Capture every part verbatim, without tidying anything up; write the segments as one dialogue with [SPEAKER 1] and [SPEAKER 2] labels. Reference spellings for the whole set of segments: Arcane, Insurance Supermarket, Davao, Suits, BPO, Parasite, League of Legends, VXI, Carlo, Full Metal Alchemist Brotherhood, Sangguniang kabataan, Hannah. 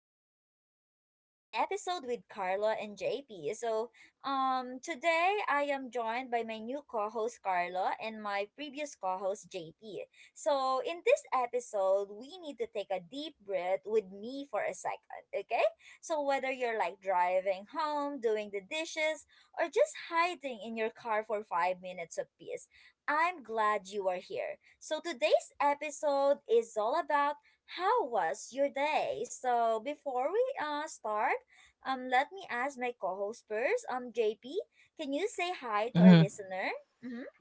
[SPEAKER 1] podcast, an episode with Carla and J P. So, um today I am joined by my new co-host Carla and my previous co-host J P. So, in this episode, we need to take a deep breath with me for a second, okay? So, whether you're like driving home, doing the dishes, or just hiding in your car for five minutes of peace, I'm glad you are here. So today's episode is all about how was your day. So before we uh start, um let me ask my co-host first. Um J P, can you say hi to our listener? Mm-hmm.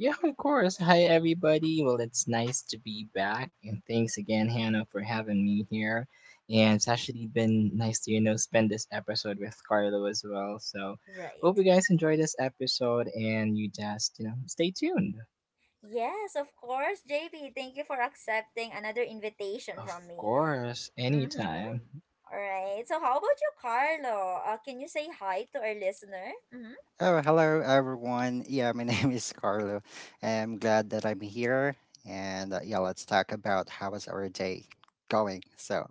[SPEAKER 1] Right. Yes, of course, J P. Thank you for accepting another invitation from me. Mm-hmm. All right. So how about you, Carlo? Uh, can you say hi to our listener? Mm-hmm.
[SPEAKER 2] Oh, hello everyone. Yeah, my name is Carlo. I'm glad that I'm here. And uh, yeah, let's talk about how was our day going. So,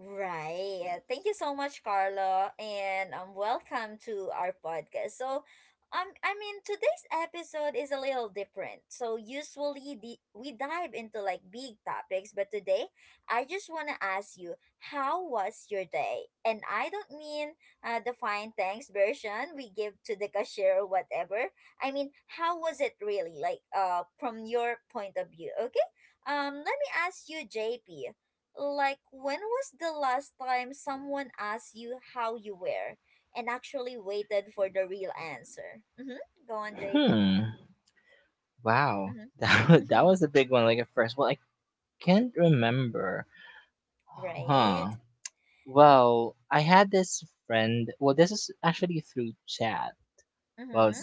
[SPEAKER 1] Right. uh, Thank you so much, Carlo, and um, welcome to our podcast. So, um, I mean, today's episode is a little different. So, usually the, we dive into like big topics, but today I just want to ask you, how was your day? And I don't mean uh, the fine thanks version we give to the cashier or whatever. I mean, how was it really? Like, uh, from your point of view, okay? Um, let me ask you, J P. Like, when was the last time someone asked you how you were and actually waited for the real answer? Mm-hmm. Go on, J P. Mm-hmm. Right. Mm-hmm.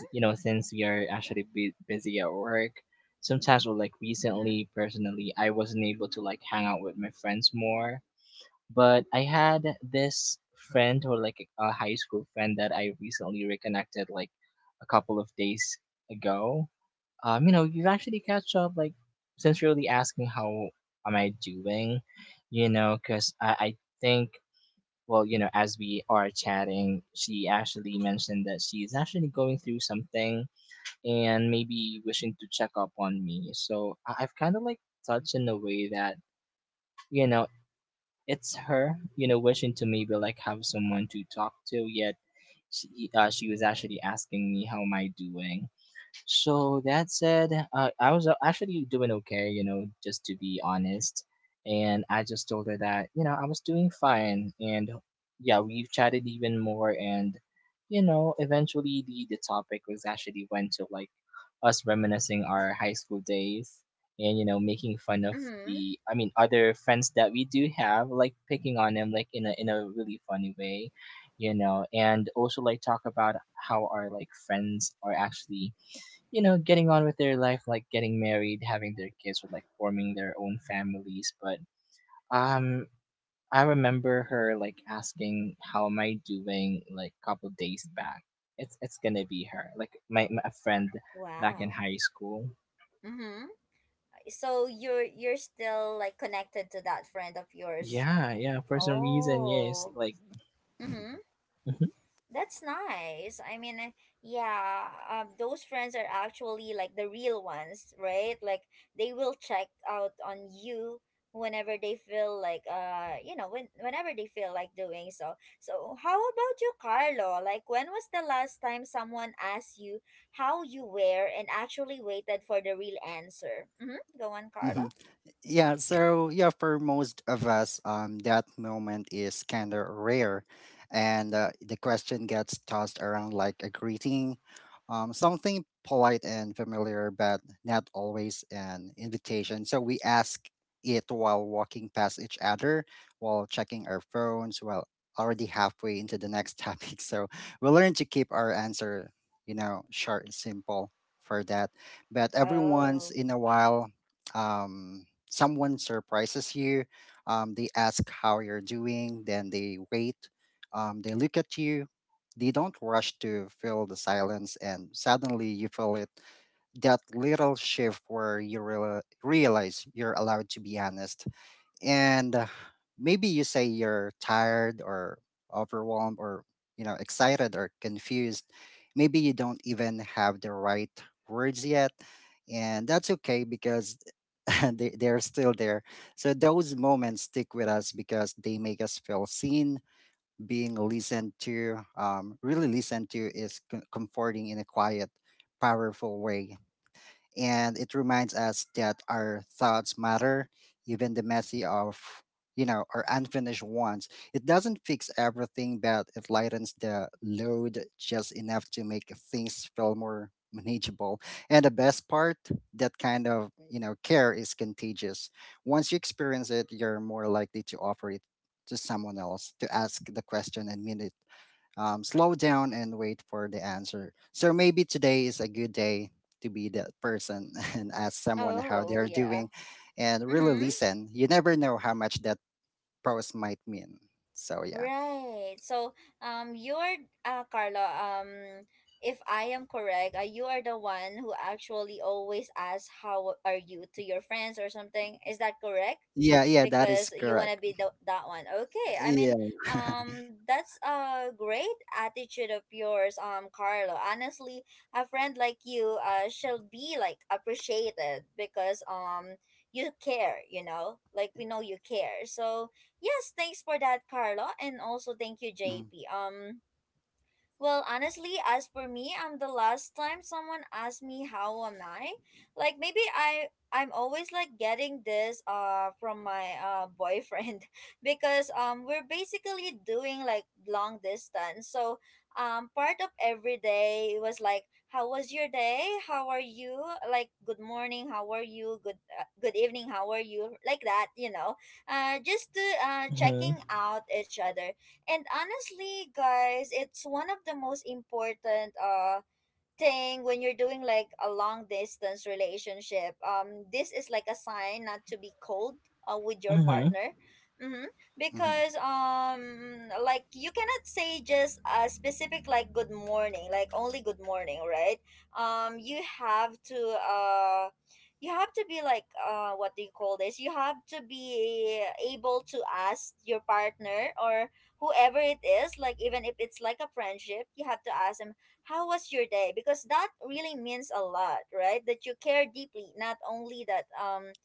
[SPEAKER 1] Mm-hmm. Mm-hmm. Wow. Mm-hmm. So you're you're still like connected to that friend of yours. Oh. Mm-hmm. That's nice. I mean, uh, yeah, um, those friends are actually like the real ones, right? Like they will check out on you whenever they feel like uh you know when whenever they feel like doing so. So how about you, Carlo? Like, when was the last time someone asked you how you were and actually waited for the real answer? Mm-hmm. Go on, Carlo.
[SPEAKER 2] mhm. Yeah, so yeah, for most of us, um, that moment is kind of rare, and uh, the question gets tossed around like a greeting, um, something polite and familiar, but not always an invitation. So we ask it while walking past each other, while checking our phones, while already halfway into the next topic. So we learn to keep our answer, you know, short and simple for that. But every once
[SPEAKER 1] Oh.
[SPEAKER 2] in a while, um someone surprises you. Um, they ask how you're doing, then they wait. Um, they look at you. They don't rush to fill the silence, and suddenly you feel it, that little shift where you reala- realize you're allowed to be honest, and uh, maybe you say you're tired or overwhelmed or, you know excited or confused. Maybe you don't even have the right words yet, and that's okay because they, they're still there. So those moments stick with us because they make us feel seen. Being listened to, um, really listened to, is co- comforting in a quiet, powerful way, and it reminds us that our thoughts matter, even the messy of, you know or unfinished ones. It doesn't fix everything, but it lightens the load just enough to make things feel more manageable. And the best part, that kind of, you know care is contagious. Once you experience it, you're more likely to offer it to someone else, to ask the question and mean it, um, slow down and wait for the answer. So maybe today is a good day to be that person and ask someone how
[SPEAKER 1] Oh,
[SPEAKER 2] they're
[SPEAKER 1] yeah.
[SPEAKER 2] doing and really
[SPEAKER 1] Mm-hmm.
[SPEAKER 2] listen. You never know how much that pause might mean. So, yeah.
[SPEAKER 1] Right. So, um, you're, uh, Carlo, um, if I am correct, uh, you are the one who actually always asks, "How are you?" to your friends or something. Is that correct?
[SPEAKER 2] Yeah, yeah, that is
[SPEAKER 1] Because you want to
[SPEAKER 2] correct.
[SPEAKER 1] be the, that one. Okay. I
[SPEAKER 2] Yeah.
[SPEAKER 1] mean, um, that's a great attitude of yours, um, Carlo. Honestly, a friend like you, uh, shall be like appreciated because, um, you care, you know, like we know you care. So, yes, thanks for that, Carlo, and also thank you,
[SPEAKER 2] Mhm,
[SPEAKER 1] J P. Um, well, honestly, as for me, I'm the last time someone asked me how am I, like maybe I I'm always like getting this uh from my uh boyfriend because um we're basically doing like long distance. So, um part of every day was like how was your day? How are you? Like good morning, how are you? Good uh, good evening, how are you? Like that, you know. Uh just to uh checking out each other. And honestly, guys, it's one of the most important uh thing when you're doing like a long distance relationship. Um this is like a sign not to be cold uh, with your partner. Mm-hmm.
[SPEAKER 2] mhm,
[SPEAKER 1] Because um like you cannot say just a specific like good morning, like only good morning, right? Um you have to uh you have to be like uh what do you call this you have to be able to ask your partner or whoever it is, like even if it's like a friendship, you have to ask them, how was your day? Because that really means a lot, right? That you care deeply, not only that um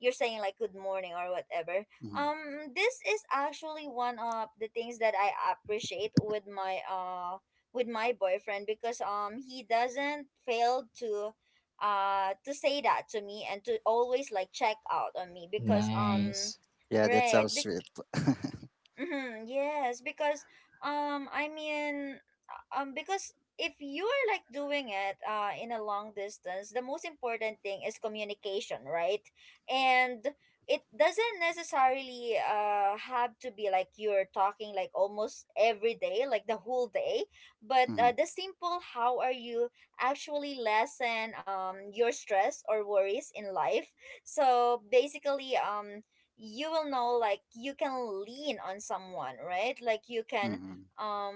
[SPEAKER 1] you're saying like good morning or whatever.
[SPEAKER 2] mhm.
[SPEAKER 1] Um this is actually one of the things that I appreciate with my uh with my boyfriend, because um he doesn't fail to uh to say that to me and to always like check out on me because um
[SPEAKER 2] Yeah, that's
[SPEAKER 1] right.
[SPEAKER 2] so sweet.
[SPEAKER 1] Mm-hmm, yes, because um I mean uh, um because if you are like doing it uh in a long distance, the most important thing is communication, right? And it doesn't necessarily uh have to be like you're talking like almost every day, like the whole day, but uh,
[SPEAKER 2] Mhm,
[SPEAKER 1] the simple how are you actually lessen um your stress or worries in life. So basically um you will know like you can lean on someone, right? Like you can
[SPEAKER 2] mhm,
[SPEAKER 1] um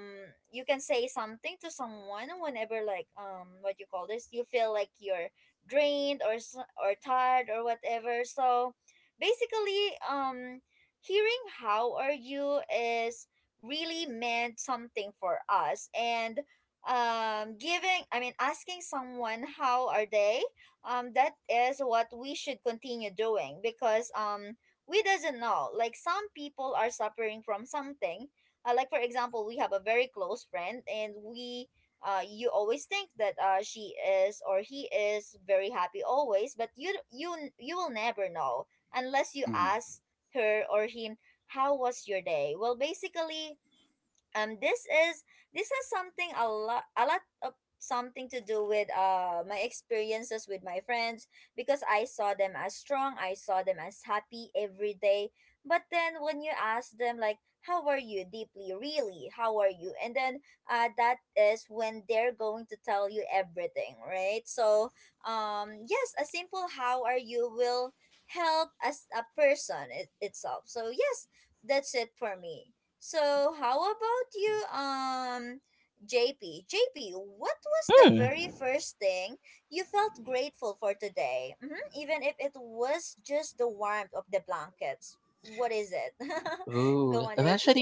[SPEAKER 1] you can say something to someone whenever like um what you call this you feel like you're drained or s- or tired or whatever. So basically um hearing how are you is really meant something for us. And um giving I mean asking someone how are they, um that is what we should continue doing because um we doesn't know, like some people are suffering from something. Uh, like for example, we have a very close friend and we uh, you always think that uh, she is or he is very happy always, but you you you will never know unless you
[SPEAKER 2] mhm,
[SPEAKER 1] ask her or him, how was your day? Well, basically um this is this has something a lot, a lot of something to do with uh my experiences with my friends, because I saw them as strong, I saw them as happy every day. But then when you ask them like, how are you deeply, really? How are you? And then uh that is when they're going to tell you everything, right? So um yes, a simple how are you will help as a person it, itself. So yes, that's it for me. So how about you, um, J P? J P, what was the very first thing you felt grateful for today? hmm Even if it was just the warmth of the blankets. What is it? Go on, J P.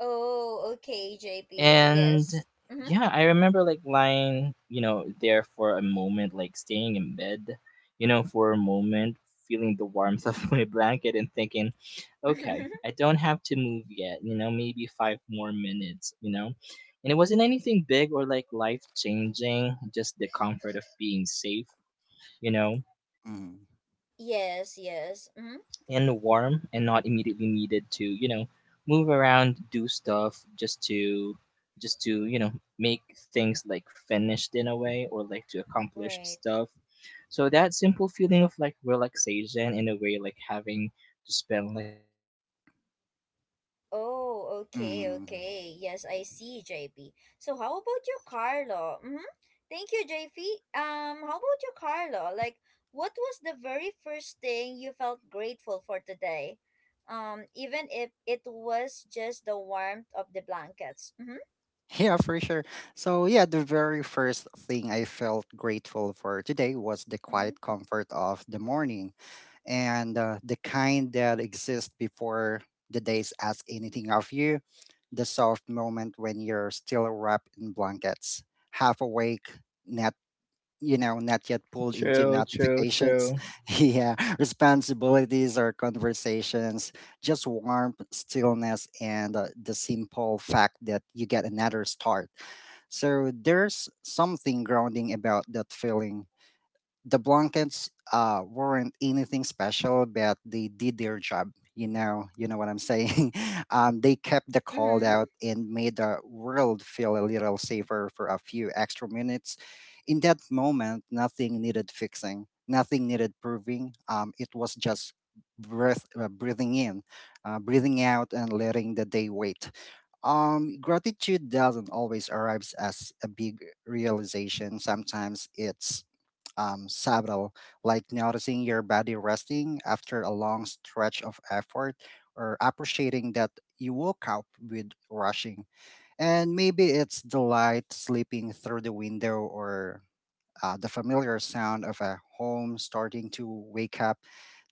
[SPEAKER 1] Oh, okay, J P. Yes. Mm-hmm.
[SPEAKER 2] mhm,
[SPEAKER 1] Yes, yes. Mm-hmm. Great. Oh, okay,
[SPEAKER 2] mhm.
[SPEAKER 1] okay. Yes, I see, J P. So how about you, Carlo? Mm-hmm. Thank you, J P. Um, how about you, Carlo? Like, what was the very first thing you felt grateful for today? Um, even if it was just the warmth of the blankets. Mm-hmm.
[SPEAKER 2] Yeah, for sure. So, yeah, the very first thing I felt grateful for today was the
[SPEAKER 1] Mm-hmm.
[SPEAKER 2] quiet comfort of the morning, and uh, the kind that exists before the days ask anything of you, the soft moment when you're still wrapped in blankets, half awake, not you know, not yet pulled into
[SPEAKER 3] True, true,
[SPEAKER 2] notifications,
[SPEAKER 3] true.
[SPEAKER 2] yeah, responsibilities or conversations, just warmth, stillness, and uh, the simple fact that you get another start. So there's something grounding about that feeling. The blankets uh weren't anything special, but they did their job. You know, you know what I'm saying. Um, they kept the cold
[SPEAKER 1] Mm-hmm.
[SPEAKER 2] out and made the world feel a little safer for a few extra minutes. In that moment, nothing needed fixing, nothing needed proving. Um, it was just breath, uh, breathing in, uh, breathing out, and letting the day wait. Um, gratitude doesn't always arrive as a big realization. Sometimes it's um, subtle, like noticing your body resting after a long stretch of effort, or appreciating that you woke up with rushing. And maybe it's the light sleeping through the window, or uh, the familiar sound of a home starting to wake up.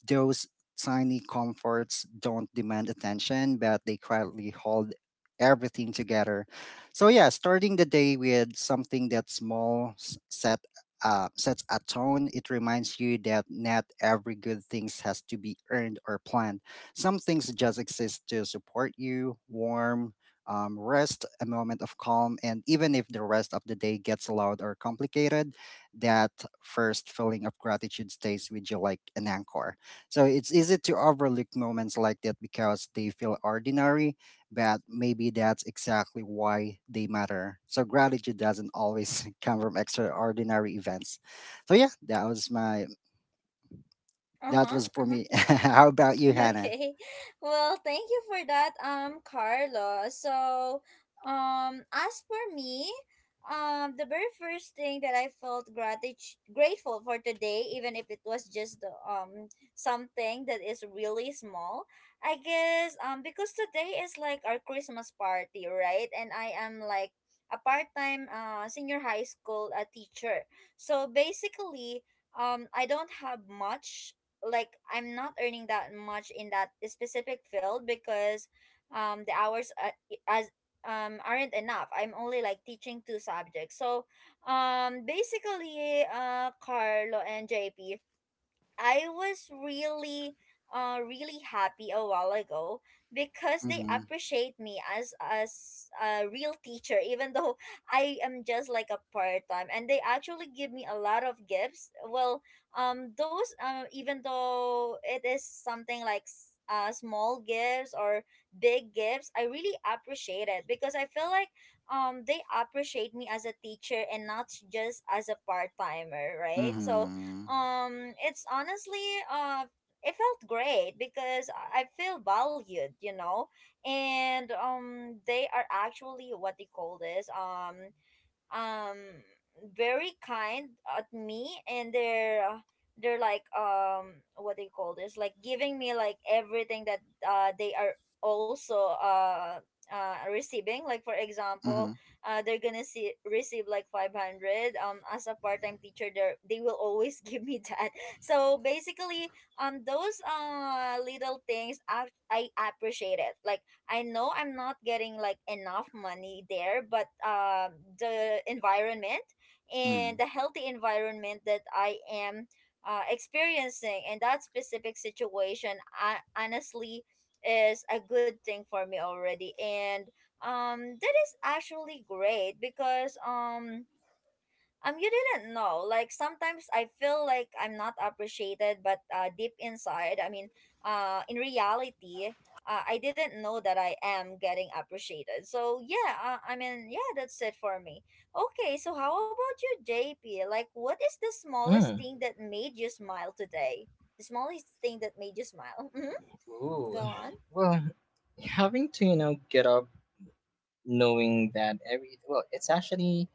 [SPEAKER 2] Those tiny comforts don't demand attention, but they quietly hold everything together. So yeah, starting the day with something that small s- set, uh, sets a tone. It reminds you that not every good things has to be earned or planned. Some things just exist to support you: warm, um, rest, a moment of calm. And even if the rest of the day gets loud or complicated, that first feeling of gratitude stays with you like an anchor. So it's easy to overlook moments like that because they feel ordinary, but maybe that's exactly why they matter. So gratitude doesn't always come from extraordinary events. So yeah, that was my that
[SPEAKER 1] Uh-huh.
[SPEAKER 2] was for
[SPEAKER 1] Uh-huh.
[SPEAKER 2] me. How about you, Hannah?
[SPEAKER 1] Okay. Well, thank you for that, um, Carlo. So, um, as for me, um, the very first thing that I felt gratitude grateful for today, even if it was just the, um something that is really small, I guess, um because today is like our Christmas party, right? And I am like a part-time uh senior high school uh, teacher. So basically, um I don't have much, like I'm not earning that much in that specific field because um the hours uh, as um aren't enough. I'm only like teaching two subjects. So um basically uh Carlo and J P, I was really uh really happy a while ago because they
[SPEAKER 2] Mm-hmm.
[SPEAKER 1] appreciate me as as a real teacher even though I am just like a part-time, and they actually give me a lot of gifts. Well, um those um even though it is something like s- uh small gifts or big gifts, I really appreciate it because I feel like um they appreciate me as a teacher and not just as a part-timer, right? So
[SPEAKER 2] Mm-hmm.
[SPEAKER 1] um it's honestly uh it felt great because i I feel valued, you know. And um they are actually what they call this um um very kind at me, and they're uh, they're like um what do you call this like giving me like everything that uh they are also uh uh receiving. Like for example,
[SPEAKER 2] Mm-hmm.
[SPEAKER 1] uh they're gonna see receive like five hundred um as a part-time teacher, they they will always give me that. So basically um those uh little things i, I appreciate it. Like I know I'm not getting like enough money there, but um, the environment and
[SPEAKER 2] Mm-hmm.
[SPEAKER 1] the healthy environment that I am uh, experiencing in that specific situation, I, honestly, is a good thing for me already. And um, that is actually great because um um, you didn't know. Like sometimes I feel like I'm not appreciated, but uh, deep inside, I mean, uh, in reality, uh, I didn't know that I am getting appreciated. So yeah, uh, I mean, yeah, that's it for me. Okay, so how about you, J P? Like, what is the smallest
[SPEAKER 3] Mm.
[SPEAKER 1] thing that made you smile today? The smallest thing that made you smile. Mm-hmm.
[SPEAKER 3] Ooh.
[SPEAKER 1] Go on.
[SPEAKER 3] Well, having to you know, get up knowing that every, well, it's actually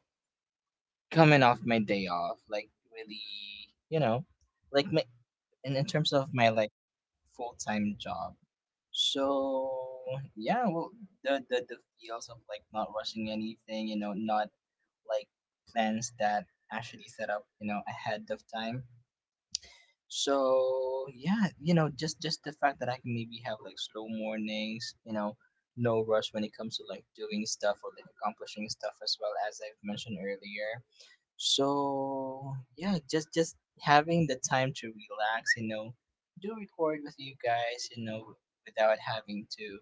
[SPEAKER 3] coming off my day off. Like, really, you know, like, my, in, in terms of my, like, full time job. So, yeah, well, the, the, the feels of, like, not rushing anything, you know, not, like, plans that actually set up, you know, ahead of time. So yeah, you know, just just the fact that I can maybe have like slow mornings, you know, no rush when it comes to like doing stuff or like accomplishing stuff as well as I've mentioned earlier. So yeah, just just having the time to relax, you know, do record with you guys, you know, without having to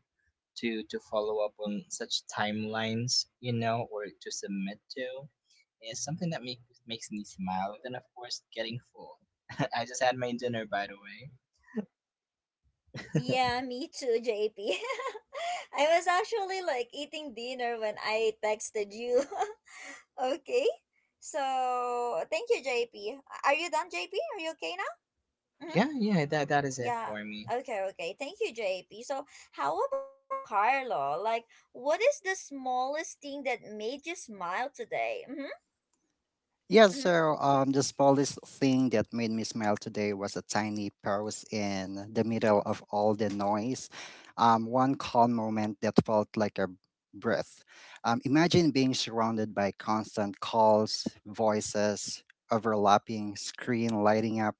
[SPEAKER 3] to to follow up on such timelines, you know, or to submit to is something that make, makes me smile. And then, of course, getting full. I just had my dinner, by the way.
[SPEAKER 1] Yeah, me too, J P. I was actually like eating dinner when I texted you. Okay. So thank you, J P. Are you done, J P? Are you okay now? Mm-hmm.
[SPEAKER 3] Yeah, yeah, that that is it
[SPEAKER 1] Yeah.
[SPEAKER 3] for me.
[SPEAKER 1] Okay, okay. Thank you, J P. So how about you, Carlo? Like, what is the smallest thing that made you smile today? Mm-hmm.
[SPEAKER 2] Yeah,
[SPEAKER 1] Mm-hmm.
[SPEAKER 2] so um, the smallest thing that made me smile today was a tiny pause in the middle of all the noise. Um, one calm moment that felt like a breath. Um, imagine being surrounded by constant calls, voices, overlapping screen lighting up,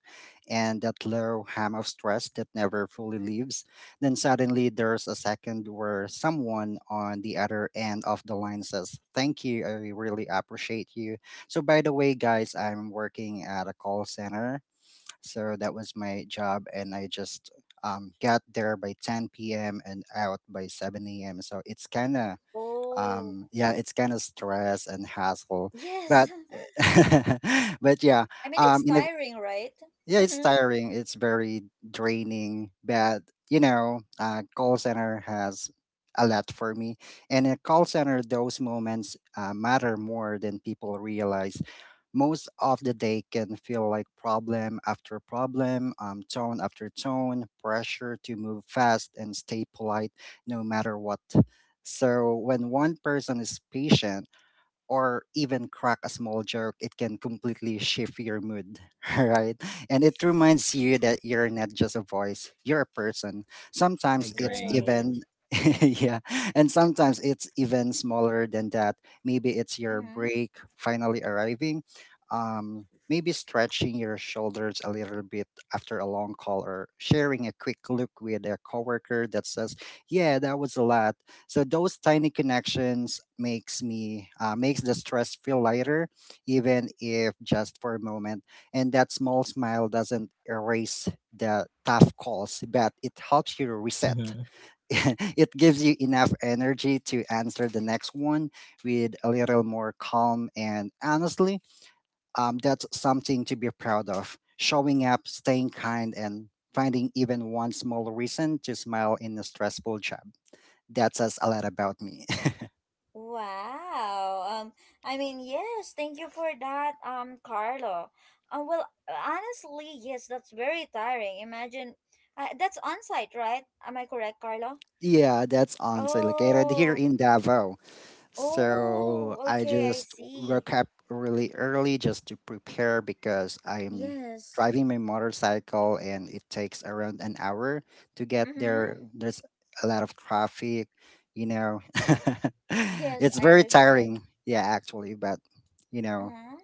[SPEAKER 2] and that low hum of stress that never fully leaves. Then suddenly there's a second where someone on the other end of the line says, "Thank you, I really appreciate you." So by the way, guys, I'm working at a call center. So that was my job, and I just um, got there by ten p m and out by seven a m. So it's kind of,
[SPEAKER 1] Oh,
[SPEAKER 2] um, yeah, it's kind of stress and hassle,
[SPEAKER 1] yes.
[SPEAKER 2] but but yeah,
[SPEAKER 1] I mean,
[SPEAKER 2] um,
[SPEAKER 1] it's
[SPEAKER 2] in a,
[SPEAKER 1] tiring, right?
[SPEAKER 2] yeah, it's
[SPEAKER 1] Mm-hmm.
[SPEAKER 2] tiring. It's very draining, but you know, uh, call center has a lot for me. And in a call center those moments uh, matter more than people realize. Most of the day can feel like problem after problem, um, tone after tone, pressure to move fast and stay polite no matter what. So when one person is patient, or even crack a small joke, it can completely shift your mood, right? And it reminds you that you're not just a voice, you're a person. Sometimes it's
[SPEAKER 3] Agree.
[SPEAKER 1] Right.
[SPEAKER 2] even yeah, and sometimes it's even smaller than that. Maybe it's your
[SPEAKER 1] Mm-hmm.
[SPEAKER 2] break finally arriving. Um maybe stretching your shoulders a little bit after a long call, or sharing a quick look with a coworker that says, "Yeah, that was a lot." So those tiny connections makes me uh, makes the stress feel lighter, even if just for a moment. And that small smile doesn't erase the tough calls, but it helps you
[SPEAKER 3] Mm-hmm.
[SPEAKER 2] reset. It gives you enough energy to answer the next one with a little more calm. And honestly, um, that's something to be proud of. Showing up, staying kind, and finding even one small reason to smile in a stressful job, that says a lot about me.
[SPEAKER 1] Wow. Um, I mean, yes, thank you for that, um, Carlo. Um, well, honestly, yes, that's very tiring. Imagine, uh, that's on site, right? Am I correct, Carlo?
[SPEAKER 2] Yeah, that's honestly located here
[SPEAKER 1] Oh,
[SPEAKER 2] in Davao. So
[SPEAKER 1] oh,
[SPEAKER 2] I
[SPEAKER 1] okay, I
[SPEAKER 2] just
[SPEAKER 1] see.
[SPEAKER 2] woke up really early just to prepare because I'm
[SPEAKER 1] Yes.
[SPEAKER 2] driving my motorcycle and it takes around an hour to get
[SPEAKER 1] Mm-hmm.
[SPEAKER 2] there. There's a lot of traffic, you know.
[SPEAKER 1] Yes,
[SPEAKER 2] It's
[SPEAKER 1] I
[SPEAKER 2] very
[SPEAKER 1] understand.
[SPEAKER 2] tiring. Yeah, actually, but you know.
[SPEAKER 1] Uh-huh.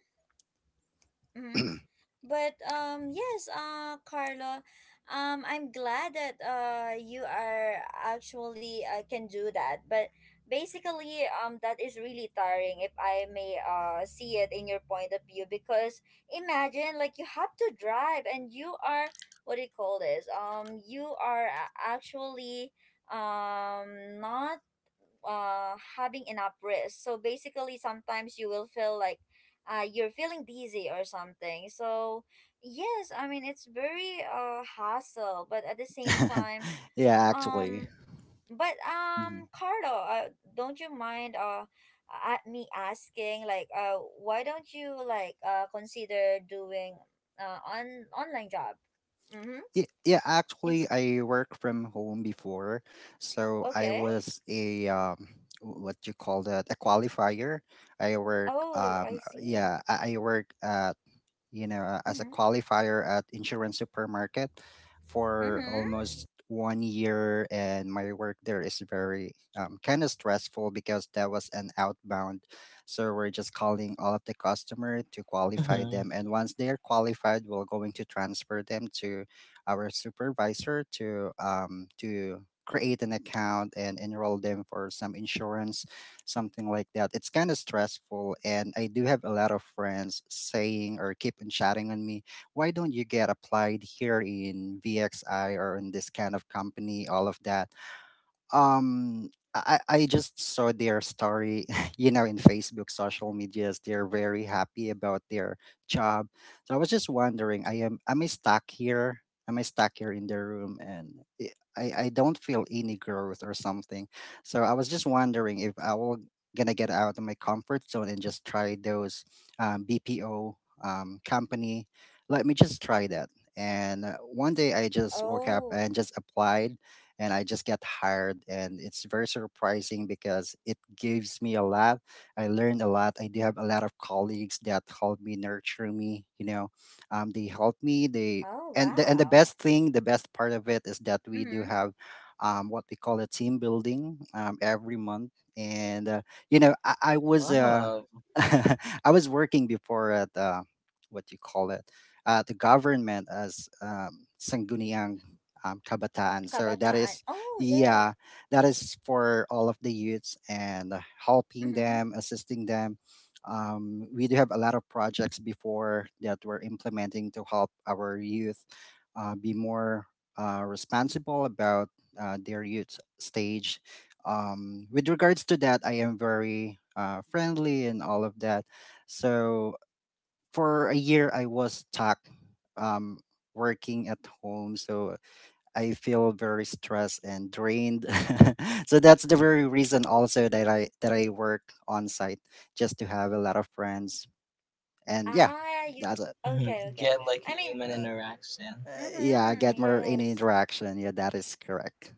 [SPEAKER 1] Mm-hmm. But um yes, uh Carlo, um I'm glad that uh you are actually uh, can do that. But basically um that is really tiring if I may uh see it in your point of view because imagine like you have to drive and you are what do you call this? Um you are a- actually um not uh having enough rest, so basically sometimes you will feel like uh you're feeling dizzy or something. So yes, I mean, it's very uh hassle, but at the same time
[SPEAKER 2] yeah, actually.
[SPEAKER 1] um but
[SPEAKER 2] Mhm.
[SPEAKER 1] um Carlo, uh, don't you mind uh at me asking like uh why don't you like uh consider doing uh on online job? Mm-hmm.
[SPEAKER 2] Yeah, yeah, actually,
[SPEAKER 1] It's
[SPEAKER 2] I worked from home before, so
[SPEAKER 1] okay.
[SPEAKER 2] I was a um, w- what you call that, a qualifier. I work,
[SPEAKER 1] Oh, I
[SPEAKER 2] um,
[SPEAKER 1] see.
[SPEAKER 2] yeah, I I work. Uh, you know, uh, as a
[SPEAKER 1] Mm-hmm.
[SPEAKER 2] qualifier at Insurance Supermarket for
[SPEAKER 1] Mm-hmm.
[SPEAKER 2] almost one year, and my work there is very um, kind of stressful because that was an outbound. So we're just calling all of the customer to qualify
[SPEAKER 3] Hmm.
[SPEAKER 2] them, and once they're qualified, we're going to transfer them to our supervisor to um, to create an account and enroll them for some insurance, something like that. It's kind of stressful, and I do have a lot of friends saying or keep on chatting on me, why don't you get applied here in V X I or in this kind of company, all of that. Um I, I just saw their story, you know, in Facebook, social medias. They're very happy about their job. So I was just wondering, I am am I stuck here? Am I stuck here in the room? And it, I I don't feel any growth or something. So I was just wondering if I will gonna get out of my comfort zone and just try those um, B P O um, company. Let me just try that. And uh, one day I just woke up
[SPEAKER 1] Oh.
[SPEAKER 2] and just applied, and I just get hired. And it's very surprising because it gives me a lot. I learned a lot. I do have a lot of colleagues that help me nurture me. You know, um, they help me. They
[SPEAKER 1] Oh,
[SPEAKER 2] and the, and the
[SPEAKER 1] wow.
[SPEAKER 2] best thing, the best part of it is that we do
[SPEAKER 1] Mhm.
[SPEAKER 2] have um, what we call a team building um, every month. And uh, you know, I, I was uh,
[SPEAKER 3] Love.
[SPEAKER 2] I was working before at uh, what you call it, uh, the government as um, Sangguniang um, Kabataan. So that
[SPEAKER 1] Kabataan.
[SPEAKER 2] is,
[SPEAKER 1] Oh, yeah.
[SPEAKER 2] yeah, that is for all of the youths, and helping
[SPEAKER 1] Mhm.
[SPEAKER 2] them, assisting them. Um, we do have a lot of projects before that we're implementing to help our youth uh, be more uh, responsible about uh, their youth stage. Um, with regards to that, I am very uh, friendly and all of that. So for a year, I was stuck um, working at home. So I feel very stressed and drained. So that's the very reason also that I that I work on site, just to have a lot of friends. And yeah,
[SPEAKER 1] Ah, you
[SPEAKER 2] that's it.
[SPEAKER 3] Hmm.
[SPEAKER 1] okay, okay.
[SPEAKER 3] Get like a
[SPEAKER 1] I mean,
[SPEAKER 3] human
[SPEAKER 2] Uh,
[SPEAKER 3] interaction.
[SPEAKER 2] uh, yeah,
[SPEAKER 1] mhm,
[SPEAKER 2] get more any
[SPEAKER 1] yes.
[SPEAKER 2] interaction. Yeah, that is correct.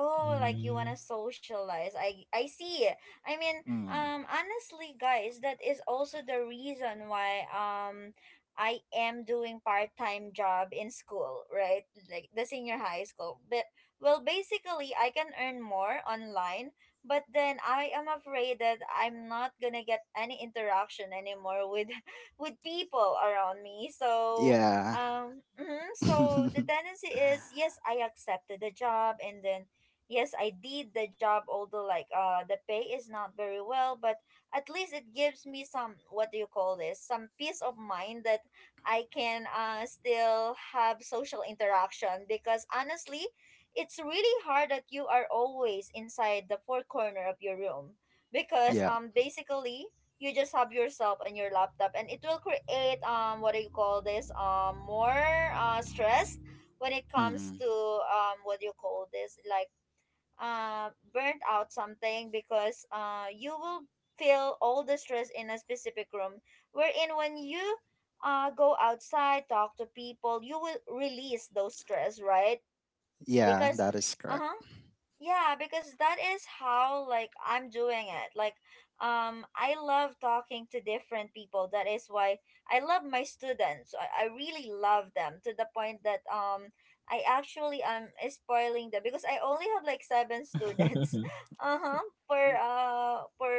[SPEAKER 1] Oh, like you
[SPEAKER 3] Mm.
[SPEAKER 1] wanna socialize. I I see. I mean,
[SPEAKER 2] Mm.
[SPEAKER 1] um, honestly, guys, that is also the reason why um I am doing part time job in school, right? Like the senior high school. But well, basically, I can earn more online, but then I am afraid that I'm not gonna get any interaction anymore with with people around me. So
[SPEAKER 2] Yeah.
[SPEAKER 1] um mhm, so the tendency is yes, I accepted the job, and then yes, I did the job, although like uh the pay is not very well, but at least it gives me some, what do you call this, some peace of mind that I can uh still have social interaction because honestly it's really hard that you are always inside the four corner of your room because
[SPEAKER 2] yeah.
[SPEAKER 1] um basically you just have yourself and your laptop, and it will create um what do you call this, um more uh stress when it comes
[SPEAKER 2] Hmm.
[SPEAKER 1] to um what do you call this, like uh, burnt out something, because uh, you will feel all the stress in a specific room wherein when you uh, go outside, talk to people, you will release those stress, right?
[SPEAKER 2] Yeah,
[SPEAKER 1] Because
[SPEAKER 2] that is correct.
[SPEAKER 1] uh-huh, yeah, because that is how like I'm doing it. Like um I love talking to different people. That is why I love my students. I, I really love them to the point that um I actually am spoiling them because I only have like seven students. Uh-huh.
[SPEAKER 2] Uh,
[SPEAKER 1] For uh for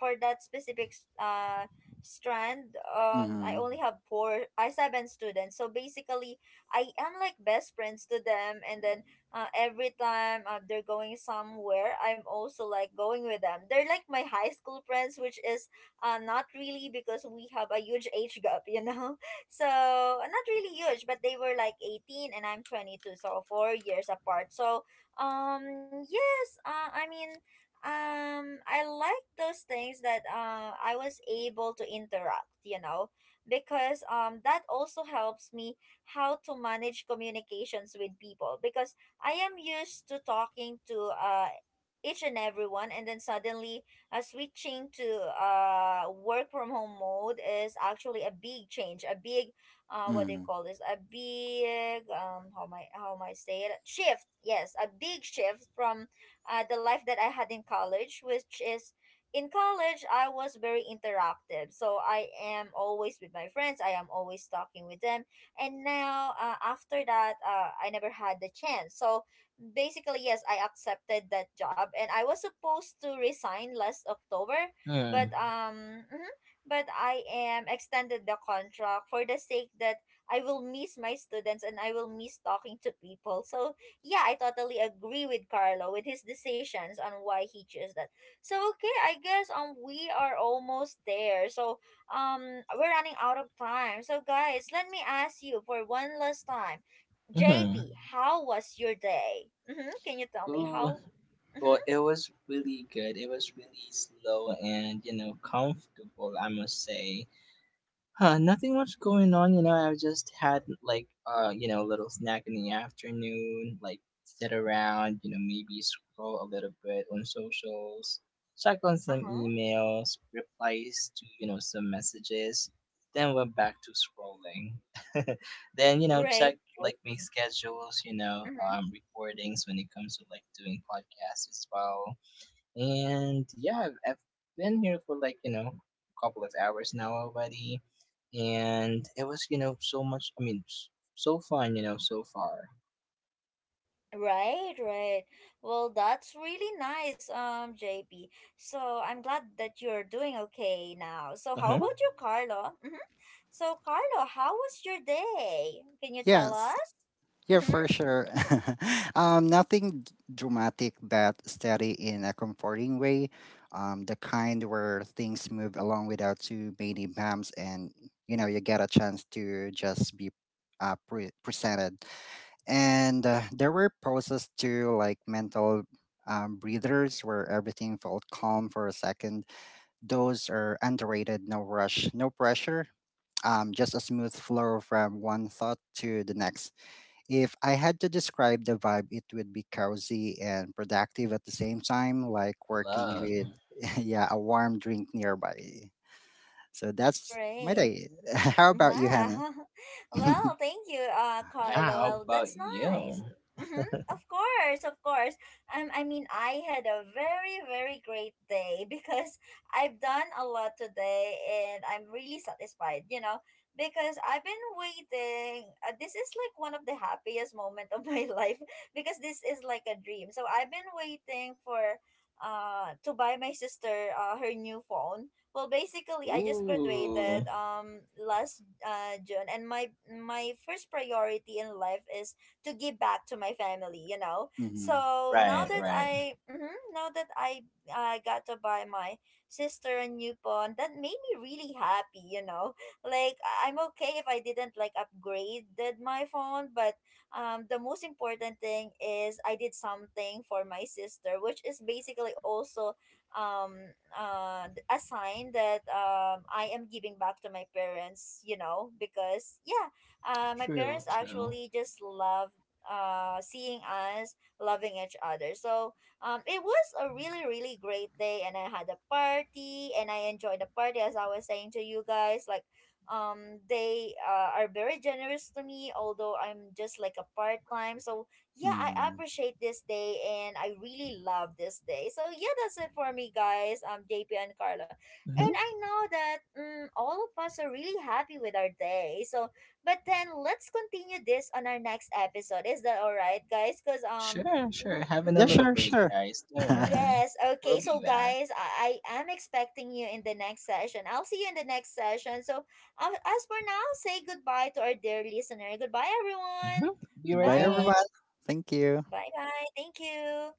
[SPEAKER 1] for that specific s- uh strand, um I
[SPEAKER 2] Mm-hmm.
[SPEAKER 1] only have four I seven students, so basically I am like best friends to them. And then uh, every time uh, they're going somewhere, I'm also like going with them. They're like my high school friends, which is uh, not really, because we have a huge age gap, you know? So, uh, not really huge, but they were like eighteen and I'm twenty-two, so four years apart. So, um, yes, uh, I mean, um, I like those things that uh, I was able to interact, you know? Because um, that also helps me how to manage communications with people because I am used to talking to uh each and everyone, and then suddenly uh, switching to uh work from home mode is actually a big change, a big uh what do you
[SPEAKER 2] Mm-hmm.
[SPEAKER 1] call this? A big um how am I, how am I say it? Shift. Yes, a big shift from uh the life that I had in college, which is in college, I was very interactive. So I am always with my friends, I am always talking with them, and now uh, after that, uh, I never had the chance. So basically yes, I accepted that job, and I was supposed to resign last October, but
[SPEAKER 3] Mm.
[SPEAKER 1] um mhm, but I am extended the contract for the sake that I will miss my students and I will miss talking to people. So yeah, I totally agree with Carlo with his decisions on why he chose that. So okay, I guess um we are almost there, so um we're running out of time. So guys, let me ask you for one last time.
[SPEAKER 3] Mhm.
[SPEAKER 1] J P, how was your day? Mm-hmm. Can you tell me
[SPEAKER 3] Ooh.
[SPEAKER 1] how? Mm-hmm.
[SPEAKER 3] Well, it was really good. It was really slow and, you know, comfortable, I must say. Huh, nothing much going on, you know. I've just had like uh, you know, a little snack in the afternoon, like sit around, you know, maybe scroll a little bit on socials, check on some
[SPEAKER 1] Uh-huh.
[SPEAKER 3] emails, replies to, you know, some messages, then went back to scrolling. then, you know,
[SPEAKER 1] Right.
[SPEAKER 3] check like my schedules, you know,
[SPEAKER 1] Mm-hmm.
[SPEAKER 3] um recordings when it comes to like doing podcasts as well. And yeah, I've, I've been here for like, you know, a couple of hours now already. And it was, you know, so much, I mean, s- so fun, you know, so far.
[SPEAKER 1] Right, right. Well, that's really nice, um, J P. So I'm glad that you're doing okay now. So
[SPEAKER 3] Uh
[SPEAKER 1] how
[SPEAKER 3] huh.
[SPEAKER 1] about you, Carlo? Mm-hmm. So Carlo, how was your day? Can you tell
[SPEAKER 2] Yes.
[SPEAKER 1] us?
[SPEAKER 2] Yeah,
[SPEAKER 1] Mm-hmm.
[SPEAKER 2] for sure. um, nothing d- dramatic but steady in a comforting way. Um, the kind where things move along without too many bumps, and you know you get a chance to just be uh, pre- presented. And uh, there were pauses too, like mental um, breathers where everything felt calm for a second. Those are underrated. No rush, no pressure. Um, just a smooth flow from one thought to the next. If I had to describe the vibe, it would be cozy and productive at the same time, like working
[SPEAKER 3] Love.
[SPEAKER 2] with yeah, a warm drink nearby. So that's my
[SPEAKER 1] Right.
[SPEAKER 2] day. How about you, Hannah?
[SPEAKER 1] Wow. Well, thank you, uh,
[SPEAKER 3] Yeah,
[SPEAKER 1] Carlo.
[SPEAKER 3] how
[SPEAKER 1] Well,
[SPEAKER 3] about
[SPEAKER 1] that's nice.
[SPEAKER 3] you?
[SPEAKER 1] Mm-hmm. Of course, of course. Um, I mean, I had a very, very great day because I've done a lot today and I'm really satisfied, you know, because I've been waiting. Uh, this is like one of the happiest moment of my life, because this is like a dream. So I've been waiting for uh to buy my sister uh her new phone. Well, basically, I just
[SPEAKER 3] Ooh.
[SPEAKER 1] graduated um last uh June, and my my first priority in life is to give back to my family. You know,
[SPEAKER 2] Hmm.
[SPEAKER 1] so now
[SPEAKER 3] Right,
[SPEAKER 1] that
[SPEAKER 3] right.
[SPEAKER 1] I mhm, now that I uh, got to buy my sister a new phone, that made me really happy. You know, like I- I'm okay if I didn't like upgraded my phone, but um the most important thing is I did something for my sister, which is basically also um uh th- a sign that um I am giving back to my parents, you know, because yeah, uh my
[SPEAKER 3] True,
[SPEAKER 1] parents
[SPEAKER 3] true.
[SPEAKER 1] actually just love uh seeing us loving each other. So um it was a really really great day, and I had a party, and I enjoyed the party, as I was saying to you guys, like um they uh, are very generous to me, although I'm just like a part time. So yeah, I
[SPEAKER 2] Mm.
[SPEAKER 1] appreciate this day, and I really love this day. So yeah, that's it for me, guys. Um, J P and Carla, and
[SPEAKER 3] Mm-hmm.
[SPEAKER 1] I know that mm, all of us are really happy with our day. So, but then let's continue this on our next episode. Is that all right, guys? Cause um.
[SPEAKER 3] Sure, sure. Having a
[SPEAKER 1] Mm-hmm.
[SPEAKER 2] Yeah,
[SPEAKER 3] little
[SPEAKER 2] sure,
[SPEAKER 3] break,
[SPEAKER 2] sure.
[SPEAKER 3] guys. Don't worry.
[SPEAKER 1] Yes. Okay.
[SPEAKER 3] We'll be
[SPEAKER 1] So,
[SPEAKER 3] back.
[SPEAKER 1] guys, I, I am expecting you in the next session. I'll see you in the next session. So, um, as for now, say goodbye to our dear listener. Goodbye,
[SPEAKER 3] Mm-hmm.
[SPEAKER 1] everyone.
[SPEAKER 3] Be right
[SPEAKER 2] Goodbye,
[SPEAKER 1] Bye.
[SPEAKER 3] back.
[SPEAKER 2] everyone. Thank you.
[SPEAKER 1] Bye bye. Thank you.